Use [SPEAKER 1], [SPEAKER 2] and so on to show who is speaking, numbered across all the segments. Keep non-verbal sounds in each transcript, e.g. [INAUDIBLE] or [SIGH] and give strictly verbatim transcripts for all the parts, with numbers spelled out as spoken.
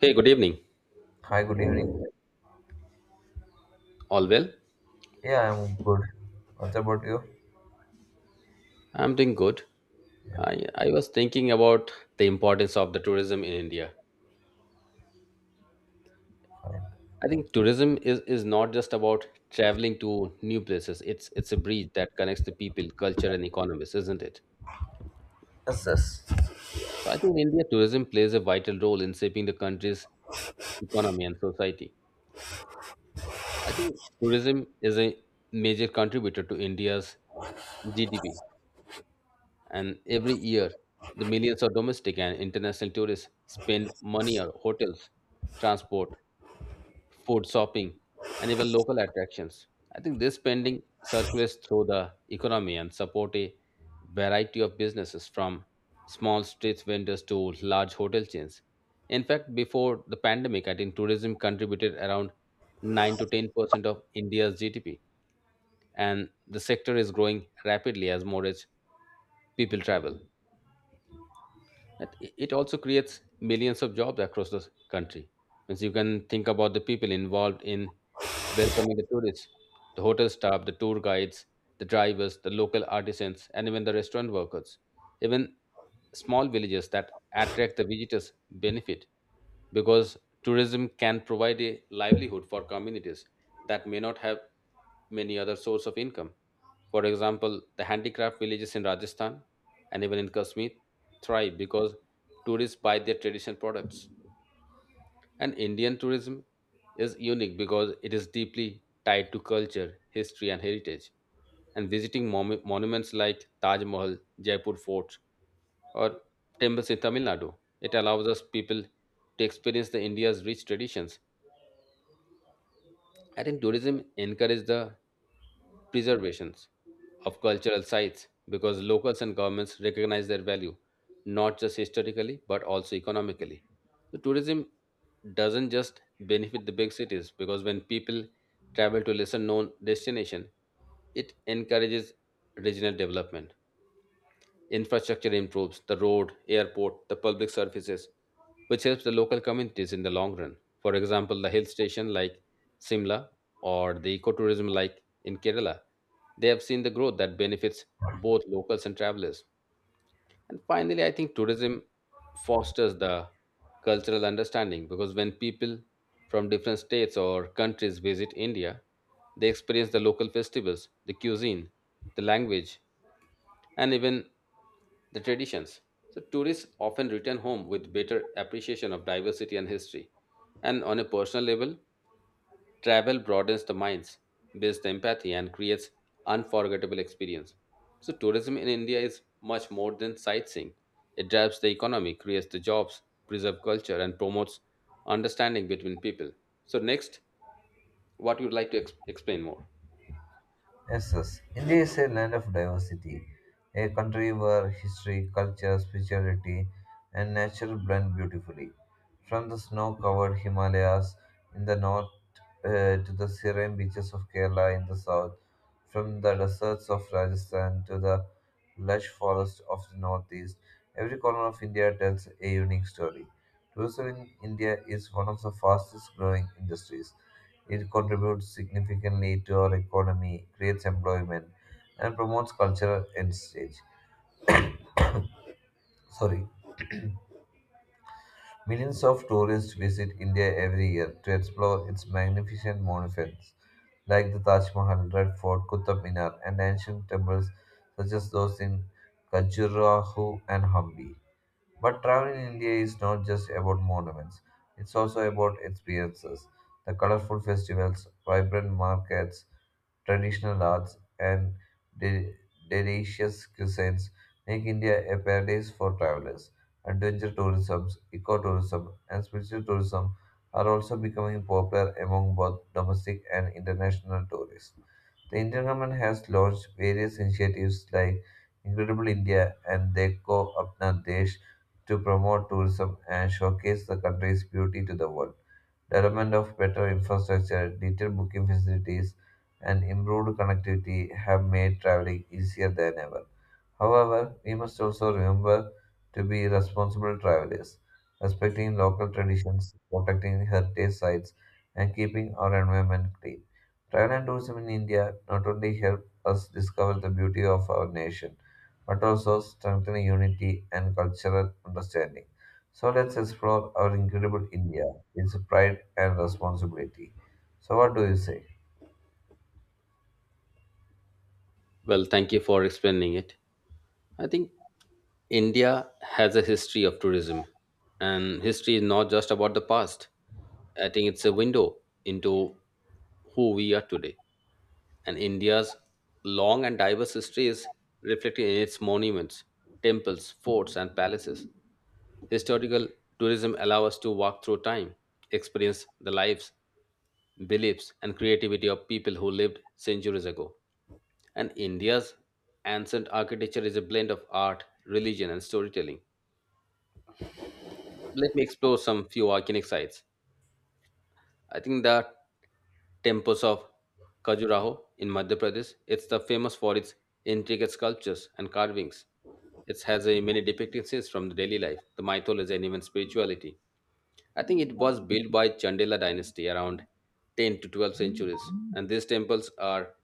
[SPEAKER 1] Hey, good evening.
[SPEAKER 2] Hi, good evening.
[SPEAKER 1] All well?
[SPEAKER 2] Yeah, I'm good. What about you?
[SPEAKER 1] I'm doing good.
[SPEAKER 2] Yeah.
[SPEAKER 1] I, I was thinking about the importance of the tourism in India. I think tourism is, is not just about traveling to new places. It's it's a bridge that connects the people, culture, and economies, isn't it?
[SPEAKER 2] Yes, yes.
[SPEAKER 1] So I think in India tourism plays a vital role in shaping the country's economy and society. I think tourism is a major contributor to India's G D P. And every year, the millions of domestic and international tourists spend money on hotels, transport, food, shopping, and even local attractions. I think this spending circulates through the economy and support a variety of businesses from small street vendors to large hotel chains. In fact, before the pandemic, I think tourism contributed around nine to ten percent of India's G D P, and the sector is growing rapidly as more rich people travel. That i- It also creates millions of jobs across the country. Means you can think about the people involved in welcoming the tourists, the hotel staff, the tour guides, the drivers, the local artisans, and even the restaurant workers. Even small villages that attract the visitors benefit because tourism can provide a livelihood for communities that may not have many other source of income. For example, the handicraft villages in Rajasthan and even in Kashmir thrive because tourists buy their traditional products. And Indian tourism is unique because it is deeply tied to culture, history, and heritage. And visiting monu- monuments like Taj Mahal, Jaipur Fort, or temples in Tamil Nadu, it allows us people to experience the India's rich traditions. I think tourism encourages the preservations of cultural sites because locals and governments recognize their value, not just historically but also economically. So tourism doesn't just benefit the big cities because when people travel to lesser known destination, it encourages regional development. Infrastructure improves the road, airport, the public services, which helps the local communities in the long run. For example, the hill station like Simla or the ecotourism like in Kerala, they have seen the growth that benefits both locals and travelers. And finally, I think tourism fosters the cultural understanding because when people from different states or countries visit India, they experience the local festivals, the cuisine, the language, and even the traditions. So, tourists often return home with better appreciation of diversity and history. And on a personal level, travel broadens the minds, builds the empathy, and creates unforgettable experience. So, tourism in India is much more than sightseeing. It drives the economy, creates the jobs, preserves culture, and promotes understanding between people. So, next, what you would like to ex- explain more?
[SPEAKER 2] Yes, yes. India is a land of diversity, a country where history, culture, spirituality, and nature blend beautifully. From the snow covered Himalayas in the north uh, to the serene beaches of Kerala in the south, from the deserts of Rajasthan to the lush forests of the northeast, every corner of India tells a unique story. Tourism in India is one of the fastest growing industries. It contributes significantly to our economy, creates employment, and promotes cultural exchange. Sorry, millions of tourists visit India every year to explore its magnificent monuments like the Taj Mahal, Red Fort, Qutub Minar, and ancient temples such as those in Khajuraho and Hampi. But travel in India is not just about monuments, it's also about experiences. The colorful festivals, vibrant markets, traditional arts, and de- delicious cuisines make India a paradise for travelers. Adventure tourism, ecotourism, and spiritual tourism are also becoming popular among both domestic and international tourists. The Indian government has launched various initiatives like Incredible India and Dekho Apna Desh to promote tourism and showcase the country's beauty to the world. Development of better infrastructure, detailed booking facilities, and improved connectivity have made traveling easier than ever. However, we must also remember to be responsible travelers, respecting local traditions, protecting heritage sites, and keeping our environment clean. Travel and tourism in India not only help us discover the beauty of our nation, but also strengthen unity and cultural understanding. So let's explore our incredible India, its pride and responsibility. So, what do you say?
[SPEAKER 1] Well, thank you for explaining it. I think India has a history of tourism, and history is not just about the past. I think it's a window into who we are today. And India's long and diverse history is reflected in its monuments, temples, forts, and palaces. Historical tourism allows us to walk through time, experience the lives, beliefs, and creativity of people who lived centuries ago. And India's ancient architecture is a blend of art, religion, and storytelling, let me explore some few volcanic sites. I think the temples of Khajuraho in Madhya Pradesh. It's the famous for its intricate sculptures and carvings. It has a many depictions from the daily life, the mythology, and even spirituality. I think it was built by Chandela dynasty around ten to twelve centuries, and these temples are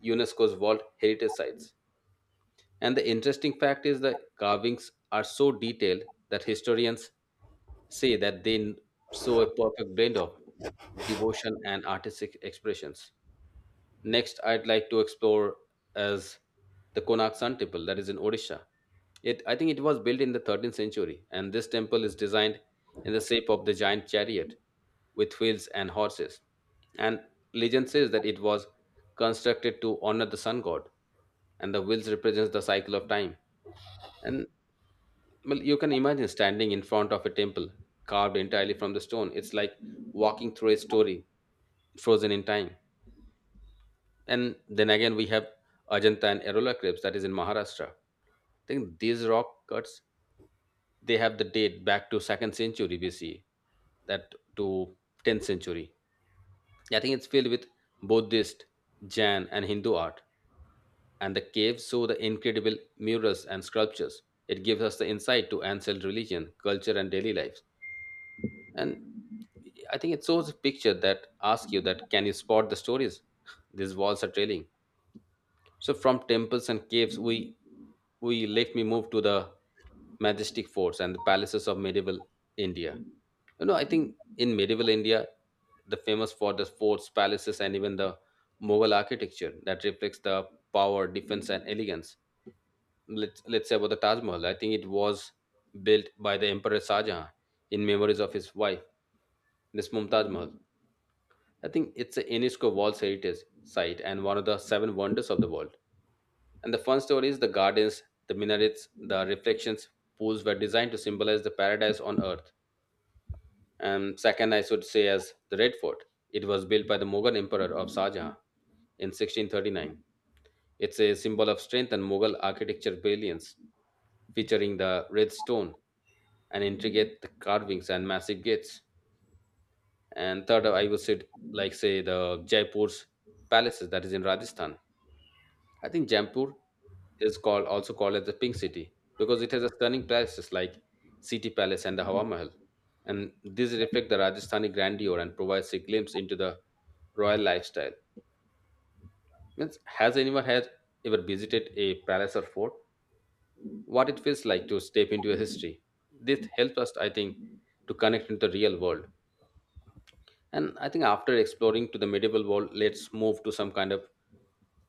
[SPEAKER 1] UNESCO's World Heritage Sites. And the interesting fact is the carvings are so detailed that historians say that they show a perfect blend of devotion and artistic expressions. Next, I'd like to explore as the Konak Sun Temple that is in Odisha. It, I think it was built in the thirteenth century, and this temple is designed in the shape of the giant chariot with wheels and horses. And legend says that it was constructed to honor the sun god, and the wheels represents the cycle of time. And well, you can imagine standing in front of a temple carved entirely from the stone. It's like walking through a story frozen in time. And then again, we have Ajanta and Erola crepes that is in Maharashtra. I think these rock cuts they have the date back to second century B C that to tenth century. I think it's filled with Buddhist, Jain, and Hindu art. And the caves show the incredible murals and sculptures. It gives us the insight to ancient religion, culture, and daily life. And I think it shows a picture that asks you that can you spot the stories [LAUGHS] these walls are trailing. So from temples and caves we we let me move to the majestic forts and the palaces of medieval India. You know, I think in medieval India, the famous for the forts, palaces, and even the Mughal architecture that reflects the power, defense, and elegance. Let's let's say about the Taj Mahal. I think it was built by the emperor Shah Jahan in memories of his wife Miss Mumtaz Mahal. I think it's a UNESCO World Heritage Site and one of the seven wonders of the world. And the fun story is the gardens, the minarets, the reflections, pools were designed to symbolize the paradise on earth. And second, I should say as the Red Fort. It was built by the Mughal Emperor of Shah Jahan in sixteen thirty-nine. It's a symbol of strength and Mughal architecture brilliance, featuring the red stone and intricate carvings and massive gates. And third, I would say like say the Jaipur's palaces that is in Rajasthan. I think Jaipur is called, also called as the pink city because it has a stunning palaces like city palace and the Hawa Mahal, and these reflect the Rajasthani grandeur and provides a glimpse into the royal lifestyle. Means has anyone had ever visited a palace or fort, what it feels like to step into a history? This helps us, I think, to connect with the real world. And I think after exploring to the medieval world, let's move to some kind of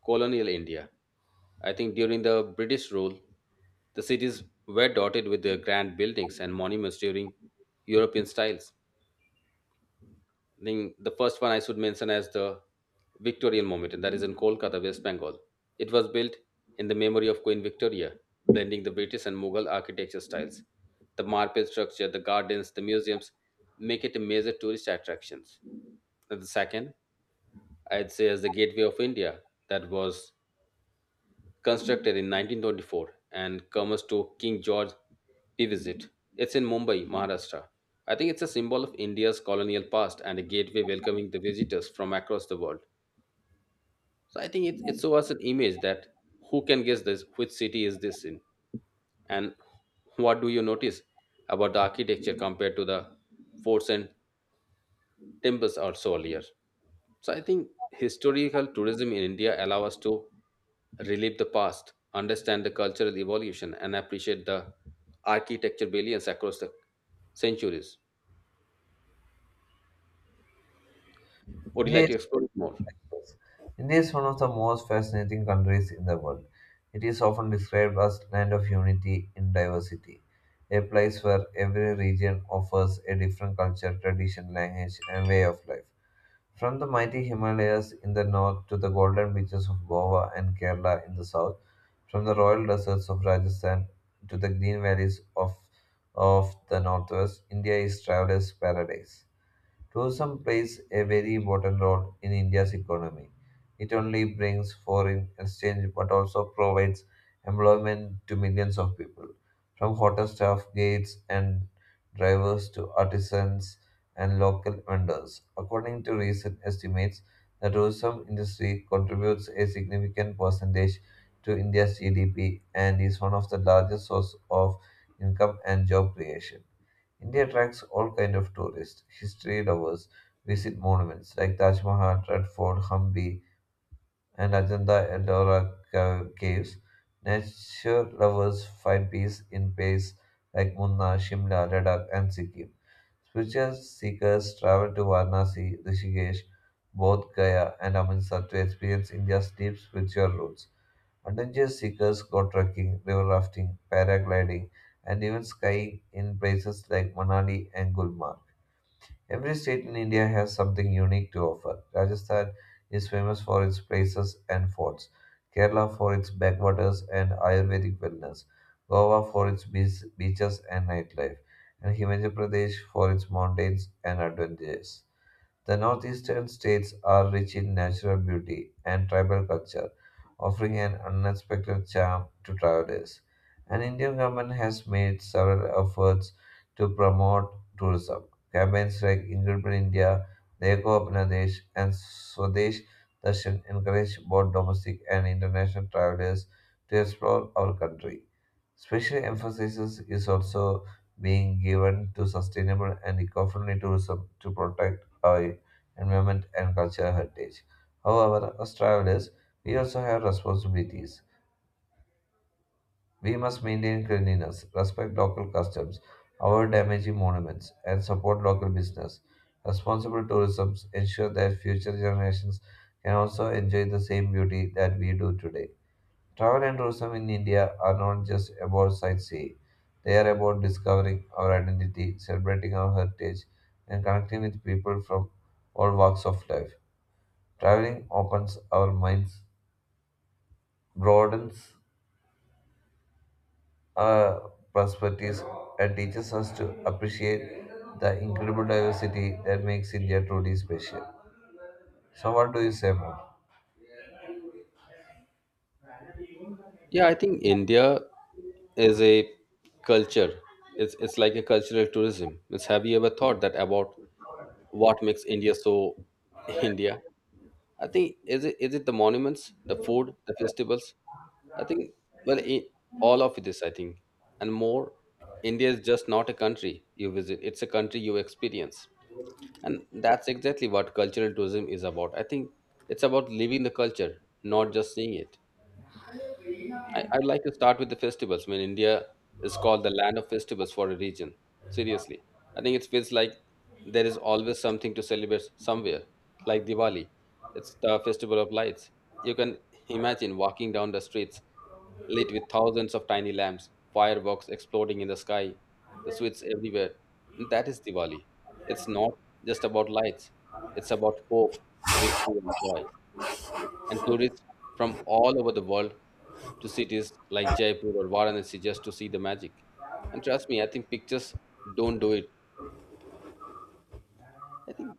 [SPEAKER 1] colonial India. I think during the British rule, the cities were dotted with the grand buildings and monuments during European styles. I think the first one I should mention as the Victorian monument, and that is in Kolkata, West Bengal. It was built in the memory of Queen Victoria, blending the British and Mughal architecture styles. The marble structure, the gardens, the museums make it a major tourist attraction. And the second I'd say as the Gateway of India that was constructed in nineteen twenty-four and comes to King George we visit. It's in Mumbai, Maharashtra. I think it's a symbol of India's colonial past and a gateway welcoming the visitors from across the world. So I think it, it shows us an image that who can guess this, which city is this in? And what do you notice about the architecture compared to the forts and temples or so earlier? So I think historical tourism in India allow us to relive the past, understand the cultural evolution, and appreciate the architecture brilliance across the centuries. Would you
[SPEAKER 2] India
[SPEAKER 1] like to
[SPEAKER 2] is
[SPEAKER 1] explore it more?
[SPEAKER 2] priceless. India is one of the most fascinating countries in the world. It is often described as land of unity in diversity, a place where every region offers a different culture, tradition, language, and way of life. From the mighty Himalayas in the north to the golden beaches of Goa and Kerala in the south, from the royal deserts of Rajasthan to the green valleys of, of the northwest, India is traveler's paradise. Tourism plays a very important role in India's economy. It only brings foreign exchange but also provides employment to millions of people, from hotel staff, gates, and drivers to artisans and local vendors. According to recent estimates, the tourism industry contributes a significant percentage to India's G D P and is one of the largest sources of income and job creation. India attracts all kinds of tourists. History lovers visit monuments like Taj Mahal, Red Fort, Hampi, and Ajanta Ellora ca- caves. Nature lovers find peace in places like Munna, Shimla, Ladakh, and Sikkim. Spiritual seekers travel to Varanasi, Rishikesh, Bodh Gaya, and Amritsar to experience India's deep spiritual roots. Adventure seekers go trekking, river rafting, paragliding, and even skiing in places like Manali and Gulmarg. Every state in India has something unique to offer. Rajasthan is famous for its places and forts, Kerala for its backwaters and Ayurvedic wellness, Goa for its beach- beaches and nightlife, and Himachal Pradesh for its mountains and adventures. The northeastern states are rich in natural beauty and tribal culture, offering an unexpected charm to travelers. An Indian government has made several efforts to promote tourism. Campaigns like Incredible India, Leko Apna Desh, and Swadesh Darshan encourage both domestic and international travelers to explore our country. Special emphasis is also being given to sustainable and eco-friendly tourism to protect our environment and cultural heritage. However, as travelers, we also have responsibilities. We must maintain cleanliness, respect local customs, avoid damaging monuments, and support local business. Responsible tourism ensures that future generations can also enjoy the same beauty that we do today. Travel and tourism in India are not just about sightseeing. They are about discovering our identity, celebrating our heritage, and connecting with people from all walks of life. Traveling opens our minds, broadens our perspectives, and teaches us to appreciate the incredible diversity that makes India truly special. So, what do you say more?
[SPEAKER 1] Yeah, I think India is a culture. It's it's like a cultural tourism. It's, have you ever thought that about what makes India so [LAUGHS] India? I think is it is it the monuments, the food, the festivals? I think well, I all of this, I think, and more. India is just not a country you visit; it's a country you experience, and that's exactly what cultural tourism is about. I think it's about living the culture, not just seeing it. I, I'd like to start with the festivals. I mean, India is called the land of festivals for a region. Seriously, I think it feels like there is always something to celebrate somewhere, like Diwali. It's the festival of lights. You can imagine walking down the streets lit with thousands of tiny lamps, fireworks exploding in the sky, the sweets everywhere. And that is Diwali. It's not just about lights, it's about hope, victory, and joy and tourists from all over the world to cities like Jaipur or Varanasi just to see the magic. And trust me, I think pictures don't do it. I think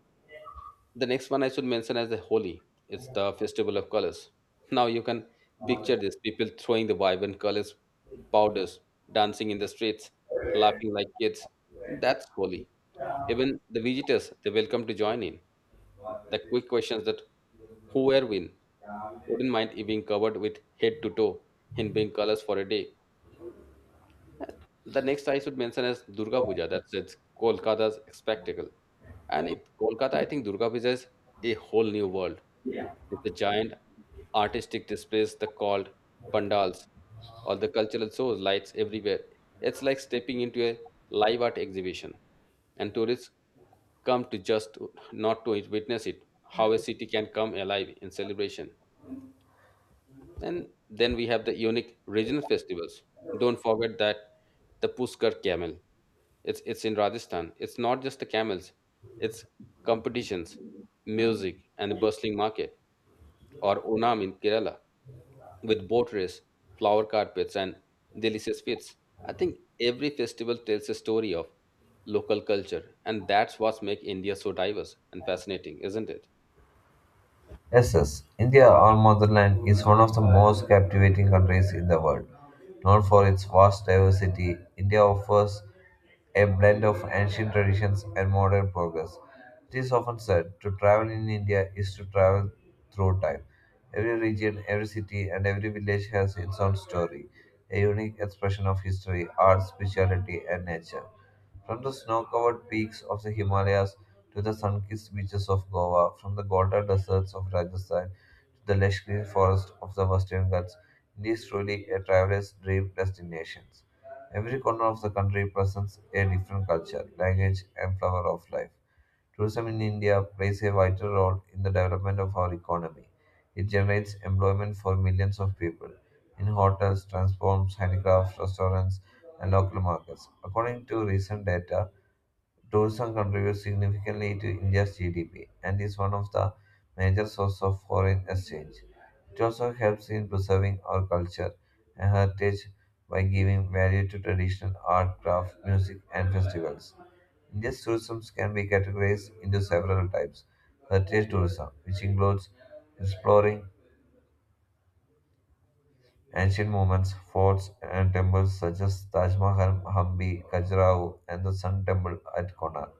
[SPEAKER 1] the next one I should mention as the Holi. It's the festival of colors. Now you can picture this people throwing the vibrant colors, powders, dancing in the streets, laughing like kids. That's Holi. Even the visitors, they're welcome to join in. The quick questions that who were win wouldn't mind it being covered with head to toe in pink colors for a day. The next I should mention is Durga Puja. That's it's Kolkata's spectacle. And in Kolkata, I think Durga Puja is a whole new world. It's a giant artistic displays, the called pandals, all the cultural shows, lights everywhere. It's like stepping into a live art exhibition. And tourists come to just to- not to witness it, how a city can come alive in celebration. And then we have the unique regional festivals. Don't forget that the Puskar camel. It's it's in Rajasthan. It's not just the camels. It's competitions, music, and a bustling market. Or Onam in Kerala with boat race, flower carpets, and delicious feasts. I think every festival tells a story of local culture, and that's what makes India so diverse and fascinating, isn't it?
[SPEAKER 2] Yes, yes. India, our motherland, is one of the most captivating countries in the world. Known for its vast diversity, India offers a blend of ancient traditions and modern progress. It is often said to travel in India is to travel through time. Every region, every city, and every village has its own story, a unique expression of history, art, spirituality, and nature. From the snow covered peaks of the Himalayas to the sun kissed beaches of Goa, from the Golden deserts of Rajasthan to the lush green forests of the Western Ghats, India is truly a traveler's dream destination. Every corner of the country presents a different culture, language, and flower of life. Tourism in India plays a vital role in the development of our economy. It generates employment for millions of people in hotels, transforms, handicrafts, restaurants, and local markets. According to recent data, tourism contributes significantly to India's G D P and is one of the major sources of foreign exchange. It also helps in preserving our culture and heritage by giving value to traditional art, craft, music, and festivals. India's tourism can be categorized into several types. Heritage tourism, which includes exploring ancient monuments, forts, and temples such as Taj Mahal, Hampi, Khajuraho, and the Sun Temple at Konark.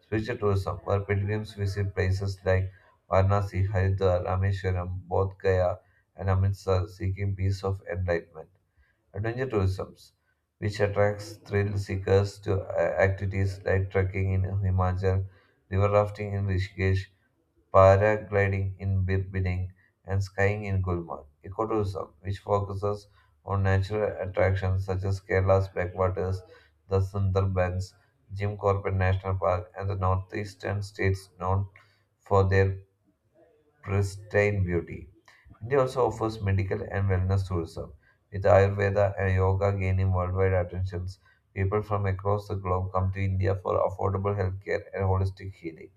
[SPEAKER 2] Spiritual tourism, where pilgrims visit places like Varanasi, Haridwar, Rameshwaram, Bodh Gaya, and Amritsar, seeking peace of enlightenment. Adventure tourism, which attracts thrill seekers to uh, activities like trekking in Himachal, river rafting in Rishikesh, paragliding in Bir- Bining, and skiing in Gulmarg. Ecotourism, which focuses on natural attractions such as Kerala's backwaters, the Sundarbans, Jim Corbett National Park, and the northeastern states known for their pristine beauty. India also offers medical and wellness tourism, with Ayurveda and yoga gaining worldwide attentions. People from across the globe come to India for affordable healthcare and holistic healing.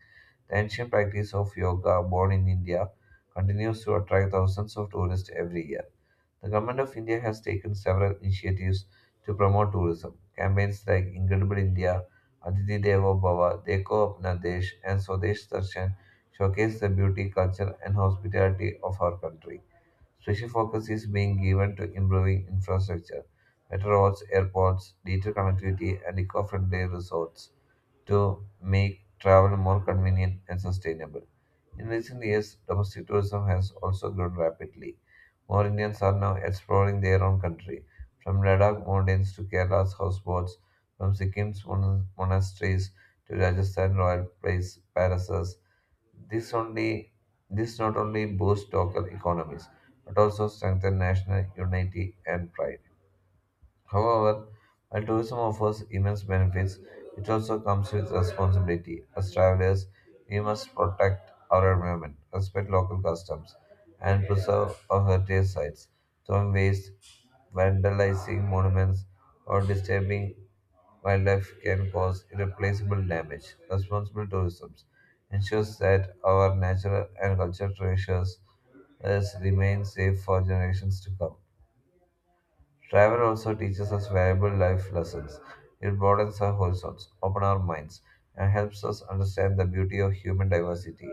[SPEAKER 2] The ancient practice of yoga, born in India, continues to attract thousands of tourists every year. The government of India has taken several initiatives to promote tourism. Campaigns like Incredible India, Aditi Devo Bhava, Deko Apna Desh, and Swadesh Darshan showcase the beauty, culture, and hospitality of our country. Special focus is being given to improving infrastructure, better roads, airports, digital connectivity, and eco friendly resorts to make travel more convenient and sustainable. In recent years, domestic tourism has also grown rapidly. More Indians are now exploring their own country, from Ladakh mountains to Kerala's houseboats, from Sikkim's mon- monasteries to Rajasthan royal place, palaces. This only this not only boosts local economies but also strengthens national unity and pride. However, while tourism offers immense benefits, it also comes with responsibility. As travelers, we must protect our environment, respect local customs, and preserve our heritage sites. Throwing waste, vandalizing monuments, or disturbing wildlife can cause irreplaceable damage. Responsible tourism ensures that our natural and cultural treasures uh, remain safe for generations to come. Travel also teaches us valuable life lessons. It broadens our horizons, opens our minds, and helps us understand the beauty of human diversity.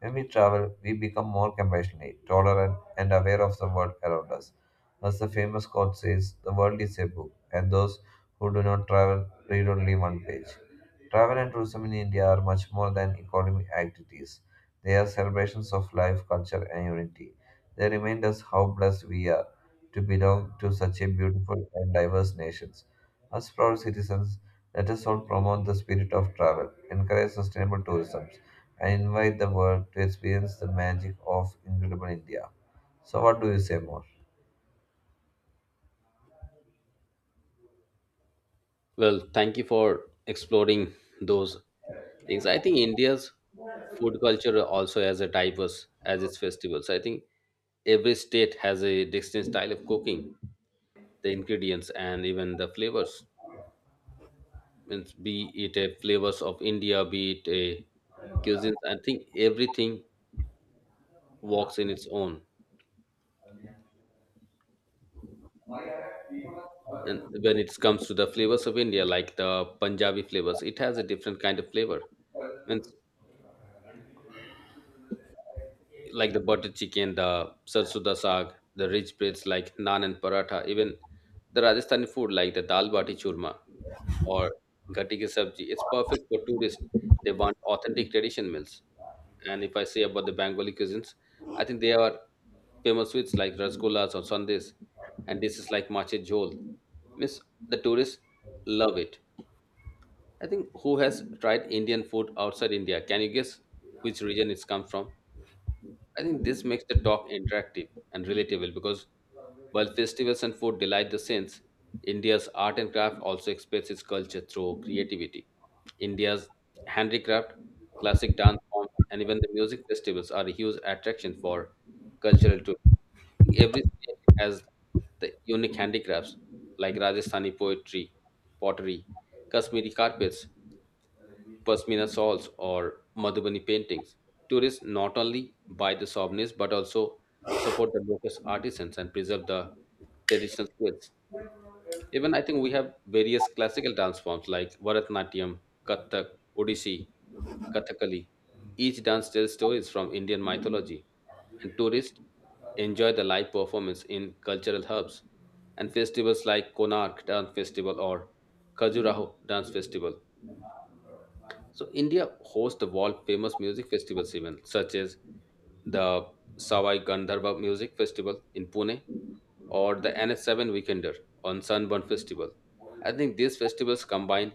[SPEAKER 2] When we travel, we become more compassionate, tolerant, and aware of the world around us. As the famous quote says, the world is a book, and those who do not travel read only one page. Travel and tourism in India are much more than economic activities. They are celebrations of life, culture, and unity. They remind us how blessed we are to belong to such a beautiful and diverse nation. As proud citizens, let us all promote the spirit of travel, encourage sustainable tourism, and invite the world to experience the magic of incredible India. So, what do you say more?
[SPEAKER 1] Well, thank you for exploring those things. I think India's food culture also has a diverse as its festivals. I think every state has a distinct style of cooking, the ingredients and even the flavors. Means be it a flavors of India, be it a cuisine. I think everything walks in its own. And when it comes to the flavors of India, like the Punjabi flavors, it has a different kind of flavor. Means like the butter chicken, the sarsuda saag, the rich breads like naan and paratha, even the Rajasthani food like the dal bati churma or gatti ki sabji. It's perfect for tourists. They want authentic tradition meals. And if I say about the Bengali cuisines, I think they are famous sweets like rasgullas or sandes, and dishes like mache jhol. Miss the tourists love it. I think who has tried Indian food outside India? Can you guess which region it's come from? I think this makes the talk interactive and relatable because while festivals and food delight the sense, India's art and craft also expresses its culture through creativity. India's handicraft, classic dance forms, and even the music festivals are a huge attraction for cultural tourism. Every state has the unique handicrafts like Rajasthani poetry, pottery, Kashmiri carpets, Pashmina shawls or Madhubani paintings. Tourists not only buy the souvenirs but also support the local artisans and preserve the traditional skills. Even I think we have various classical dance forms like Bharatanatyam, Kathak, Odissi, Kathakali. Each dance tells stories from Indian mythology, and tourists enjoy the live performance in cultural hubs and festivals like Konark Dance Festival or Khajuraho Dance Festival. So India hosts the world famous music festivals event such as the Sawai Gandharva Music Festival in Pune or the N S seven Weekender on Sunburn Festival. I think these festivals combine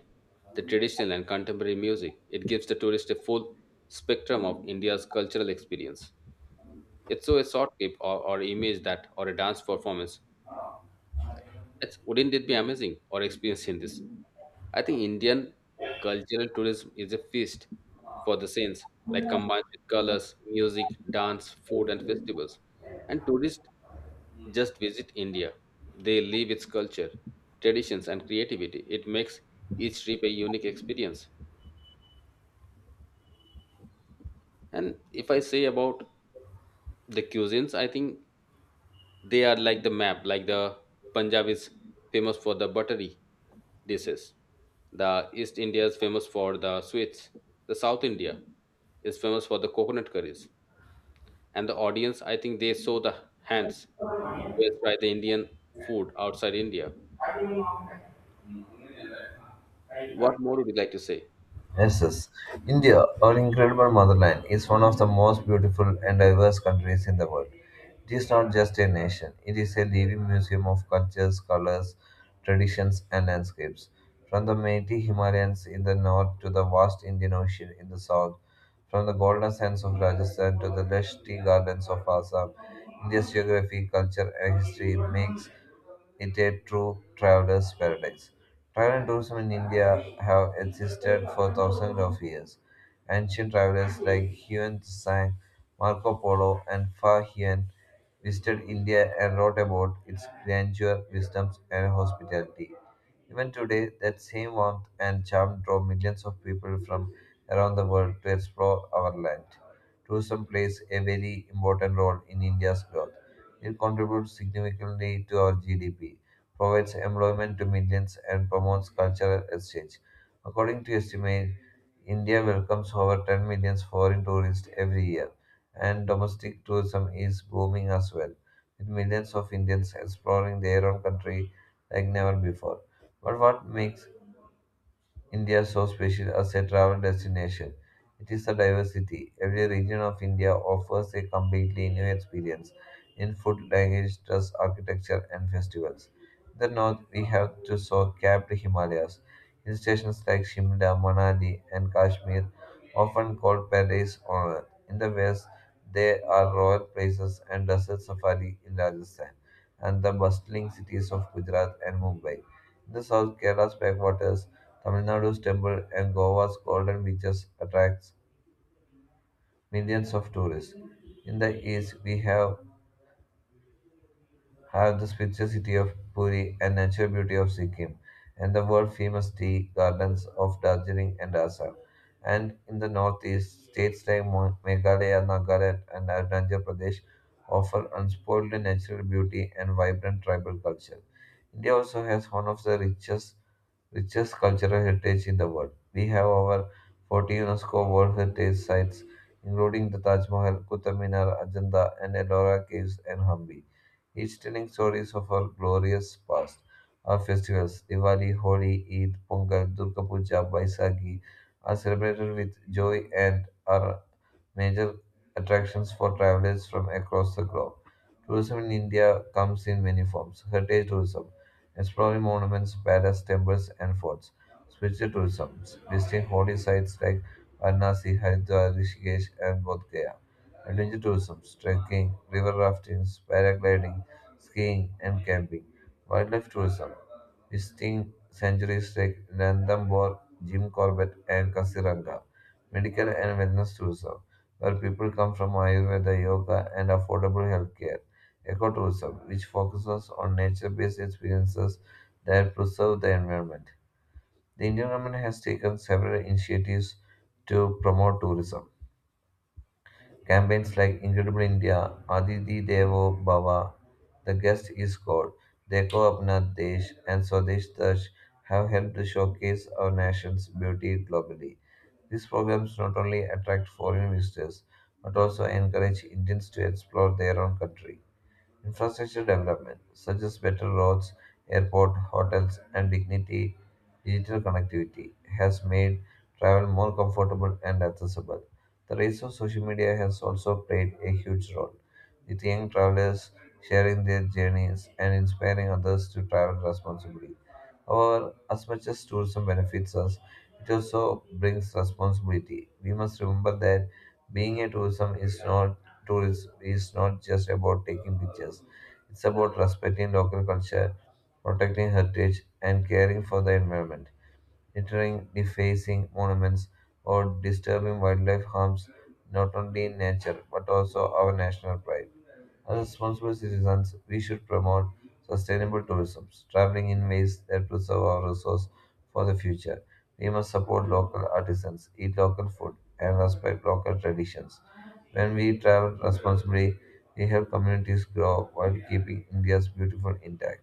[SPEAKER 1] the traditional and contemporary music. It gives the tourist a full spectrum of India's cultural experience. It's so a short clip or, or image that or a dance performance it's, wouldn't it be amazing or experiencing this? I think Indian cultural tourism is a feast for the saints, like combined with colors, music, dance, food, and festivals. And tourists just visit India. They live its culture, traditions, and creativity. It makes each trip a unique experience. And if I say about the cuisines, I think they are like the map, like the Punjab is famous for the buttery dishes, the East India is famous for the sweets, the South India is famous for the coconut curries, and the audience, I think they saw the hands who has tried the Indian food outside India. What more would you like to say?
[SPEAKER 2] Yes, yes. India, our incredible motherland, is one of the most beautiful and diverse countries in the world. It is not just a nation, it is a living museum of cultures, colors, traditions, and landscapes. From the mighty Himalayas in the north to the vast Indian Ocean in the south, from the golden sands of Rajasthan to the lush tea gardens of Assam, India's geography, culture, and history makes it's a true traveler's paradise. Travel and tourism in India have existed for thousands of years. Ancient travelers like Huan Tsang, Marco Polo, and Fa Hien visited India and wrote about its grandeur, wisdom, and hospitality. Even today, that same warmth and charm draw millions of people from around the world to explore our land. Tourism plays a very important role in India's growth. It contributes significantly to our G D P, provides employment to millions, and promotes cultural exchange. According to estimates, India welcomes over ten million foreign tourists every year, and domestic tourism is booming as well, with millions of Indians exploring their own country like never before. But what makes India so special as a travel destination? It is the diversity. Every region of India offers a completely new experience in food, language, dress, architecture, and festivals. In the north, we have to soar capped Himalayas. Hill stations like Shimla, Manali, and Kashmir, often called paradise on earth. In the west, there are royal places and desert safari in Rajasthan and the bustling cities of Gujarat and Mumbai. In the south, Kerala's backwaters, Tamil Nadu's temple, and Goa's golden beaches attracts millions of tourists. In the east, we have have the spiritual city of Puri and natural beauty of Sikkim, and the world famous tea gardens of Darjeeling and Assam. And in the northeast, states like Mo- Meghalaya, Nagaland, and Arunachal Pradesh offer unspoiled natural beauty and vibrant tribal culture. India also has one of the richest richest cultural heritage in the world. We have over forty UNESCO World Heritage Sites, including the Taj Mahal, Qutub Minar, Ajanta, and Ellora Caves and Hampi, each telling stories of our glorious past. Our festivals, Diwali, Holi, Eid, Pongal, Durga Puja, Baisakhi, are celebrated with joy and are major attractions for travelers from across the globe. Tourism in India comes in many forms: heritage tourism, exploring monuments, palaces, temples, and forts. Spiritual tourism, visiting holy sites like Varanasi, Haridwar, Rishikesh, and Bodh Gaya. Adventure tourism, trekking, river rafting, paragliding, skiing, and camping. Wildlife tourism, visiting sanctuaries like Ranthambore, Jim Corbett, and Kasiranga. Medical and wellness tourism, where people come from Ayurveda, yoga, and affordable healthcare. Ecotourism, which focuses on nature-based experiences that preserve the environment. The Indian government has taken several initiatives to promote tourism. Campaigns like Incredible India, Aditi Devo Bhava, The Guest is God, Dekho Apna Desh, and Swadesh Dash have helped to showcase our nation's beauty globally. These programs not only attract foreign visitors but also encourage Indians to explore their own country. Infrastructure development, such as better roads, airport, hotels, and dignity, digital connectivity, has made travel more comfortable and accessible. The rise of social media has also played a huge role, with young travelers sharing their journeys and inspiring others to travel responsibly. However, as much as tourism benefits us, it also brings responsibility. We must remember that being a tourism is not tourism is not just about taking pictures. It's about respecting local culture, protecting heritage, and caring for the environment. Littering, defacing monuments, or disturbing wildlife harms not only nature but also our national pride. As responsible citizens, we should promote sustainable tourism, traveling in ways that preserve our resources for the future. We must support local artisans, eat local food, and respect local traditions. When we travel responsibly, we help communities grow while keeping India's beautiful intact.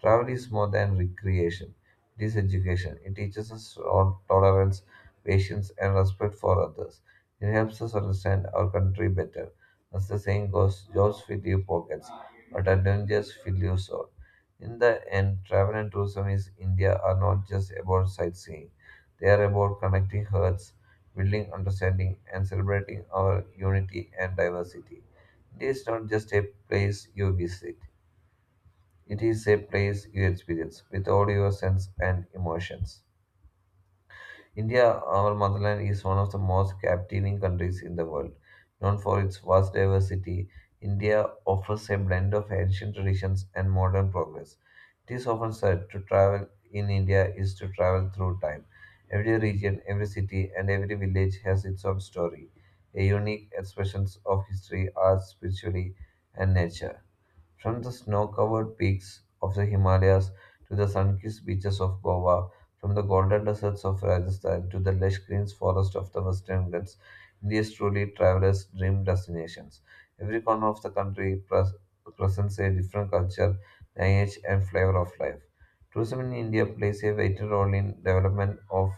[SPEAKER 2] Travel is more than recreation, it is education. It teaches us on tolerance, patience, and respect for others. It helps us understand our country better. As the saying goes, jobs fill your pockets, but adventures fill your soul. In the end, travel and tourism is India are not just about sightseeing. They are about connecting hearts, building understanding, and celebrating our unity and diversity. India is not just a place you visit, it is a place you experience with all your senses and emotions. India, our motherland, is one of the most captivating countries in the world. Known for its vast diversity, India offers a blend of ancient traditions and modern progress. It is often said to travel in India is to travel through time. Every region, every city, and every village has its own story, a unique expression of history, art, spirituality, and nature. From the snow covered peaks of the Himalayas to the sun kissed beaches of Goa, from the golden deserts of Rajasthan to the lush green forests of the Western Ghats, India is truly travelers' dream destinations. Every corner of the country pres- presents a different culture, language, and flavor of life. Tourism in India plays a vital role in development of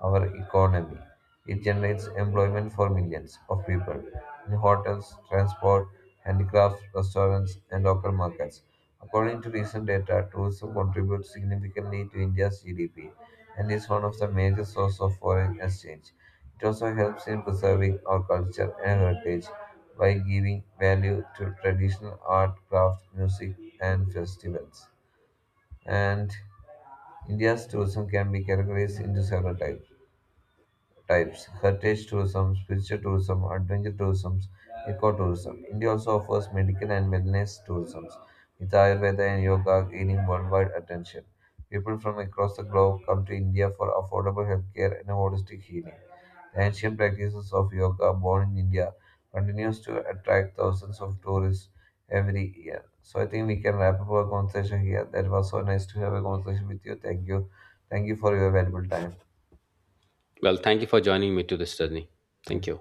[SPEAKER 2] our economy. It generates employment for millions of people in hotels, transport, handicrafts, restaurants, and local markets. According to recent data, tourism contributes significantly to India's G D P and is one of the major sources of foreign exchange. It also helps in preserving our culture and heritage by giving value to traditional art, craft, music, and festivals. And India's tourism can be categorized into several types types heritage tourism, spiritual tourism, adventure tourism, ecotourism. India also offers medical and wellness tourism, with Ayurveda and yoga gaining worldwide attention. People from across the globe come to India for affordable healthcare and holistic healing. The ancient practices of yoga, born in India, continues to attract thousands of tourists every year. So I think we can wrap up our conversation here. That was so nice to have a conversation with you. Thank you. Thank you for your valuable time.
[SPEAKER 1] Well, thank you for joining me to this journey. Thank you.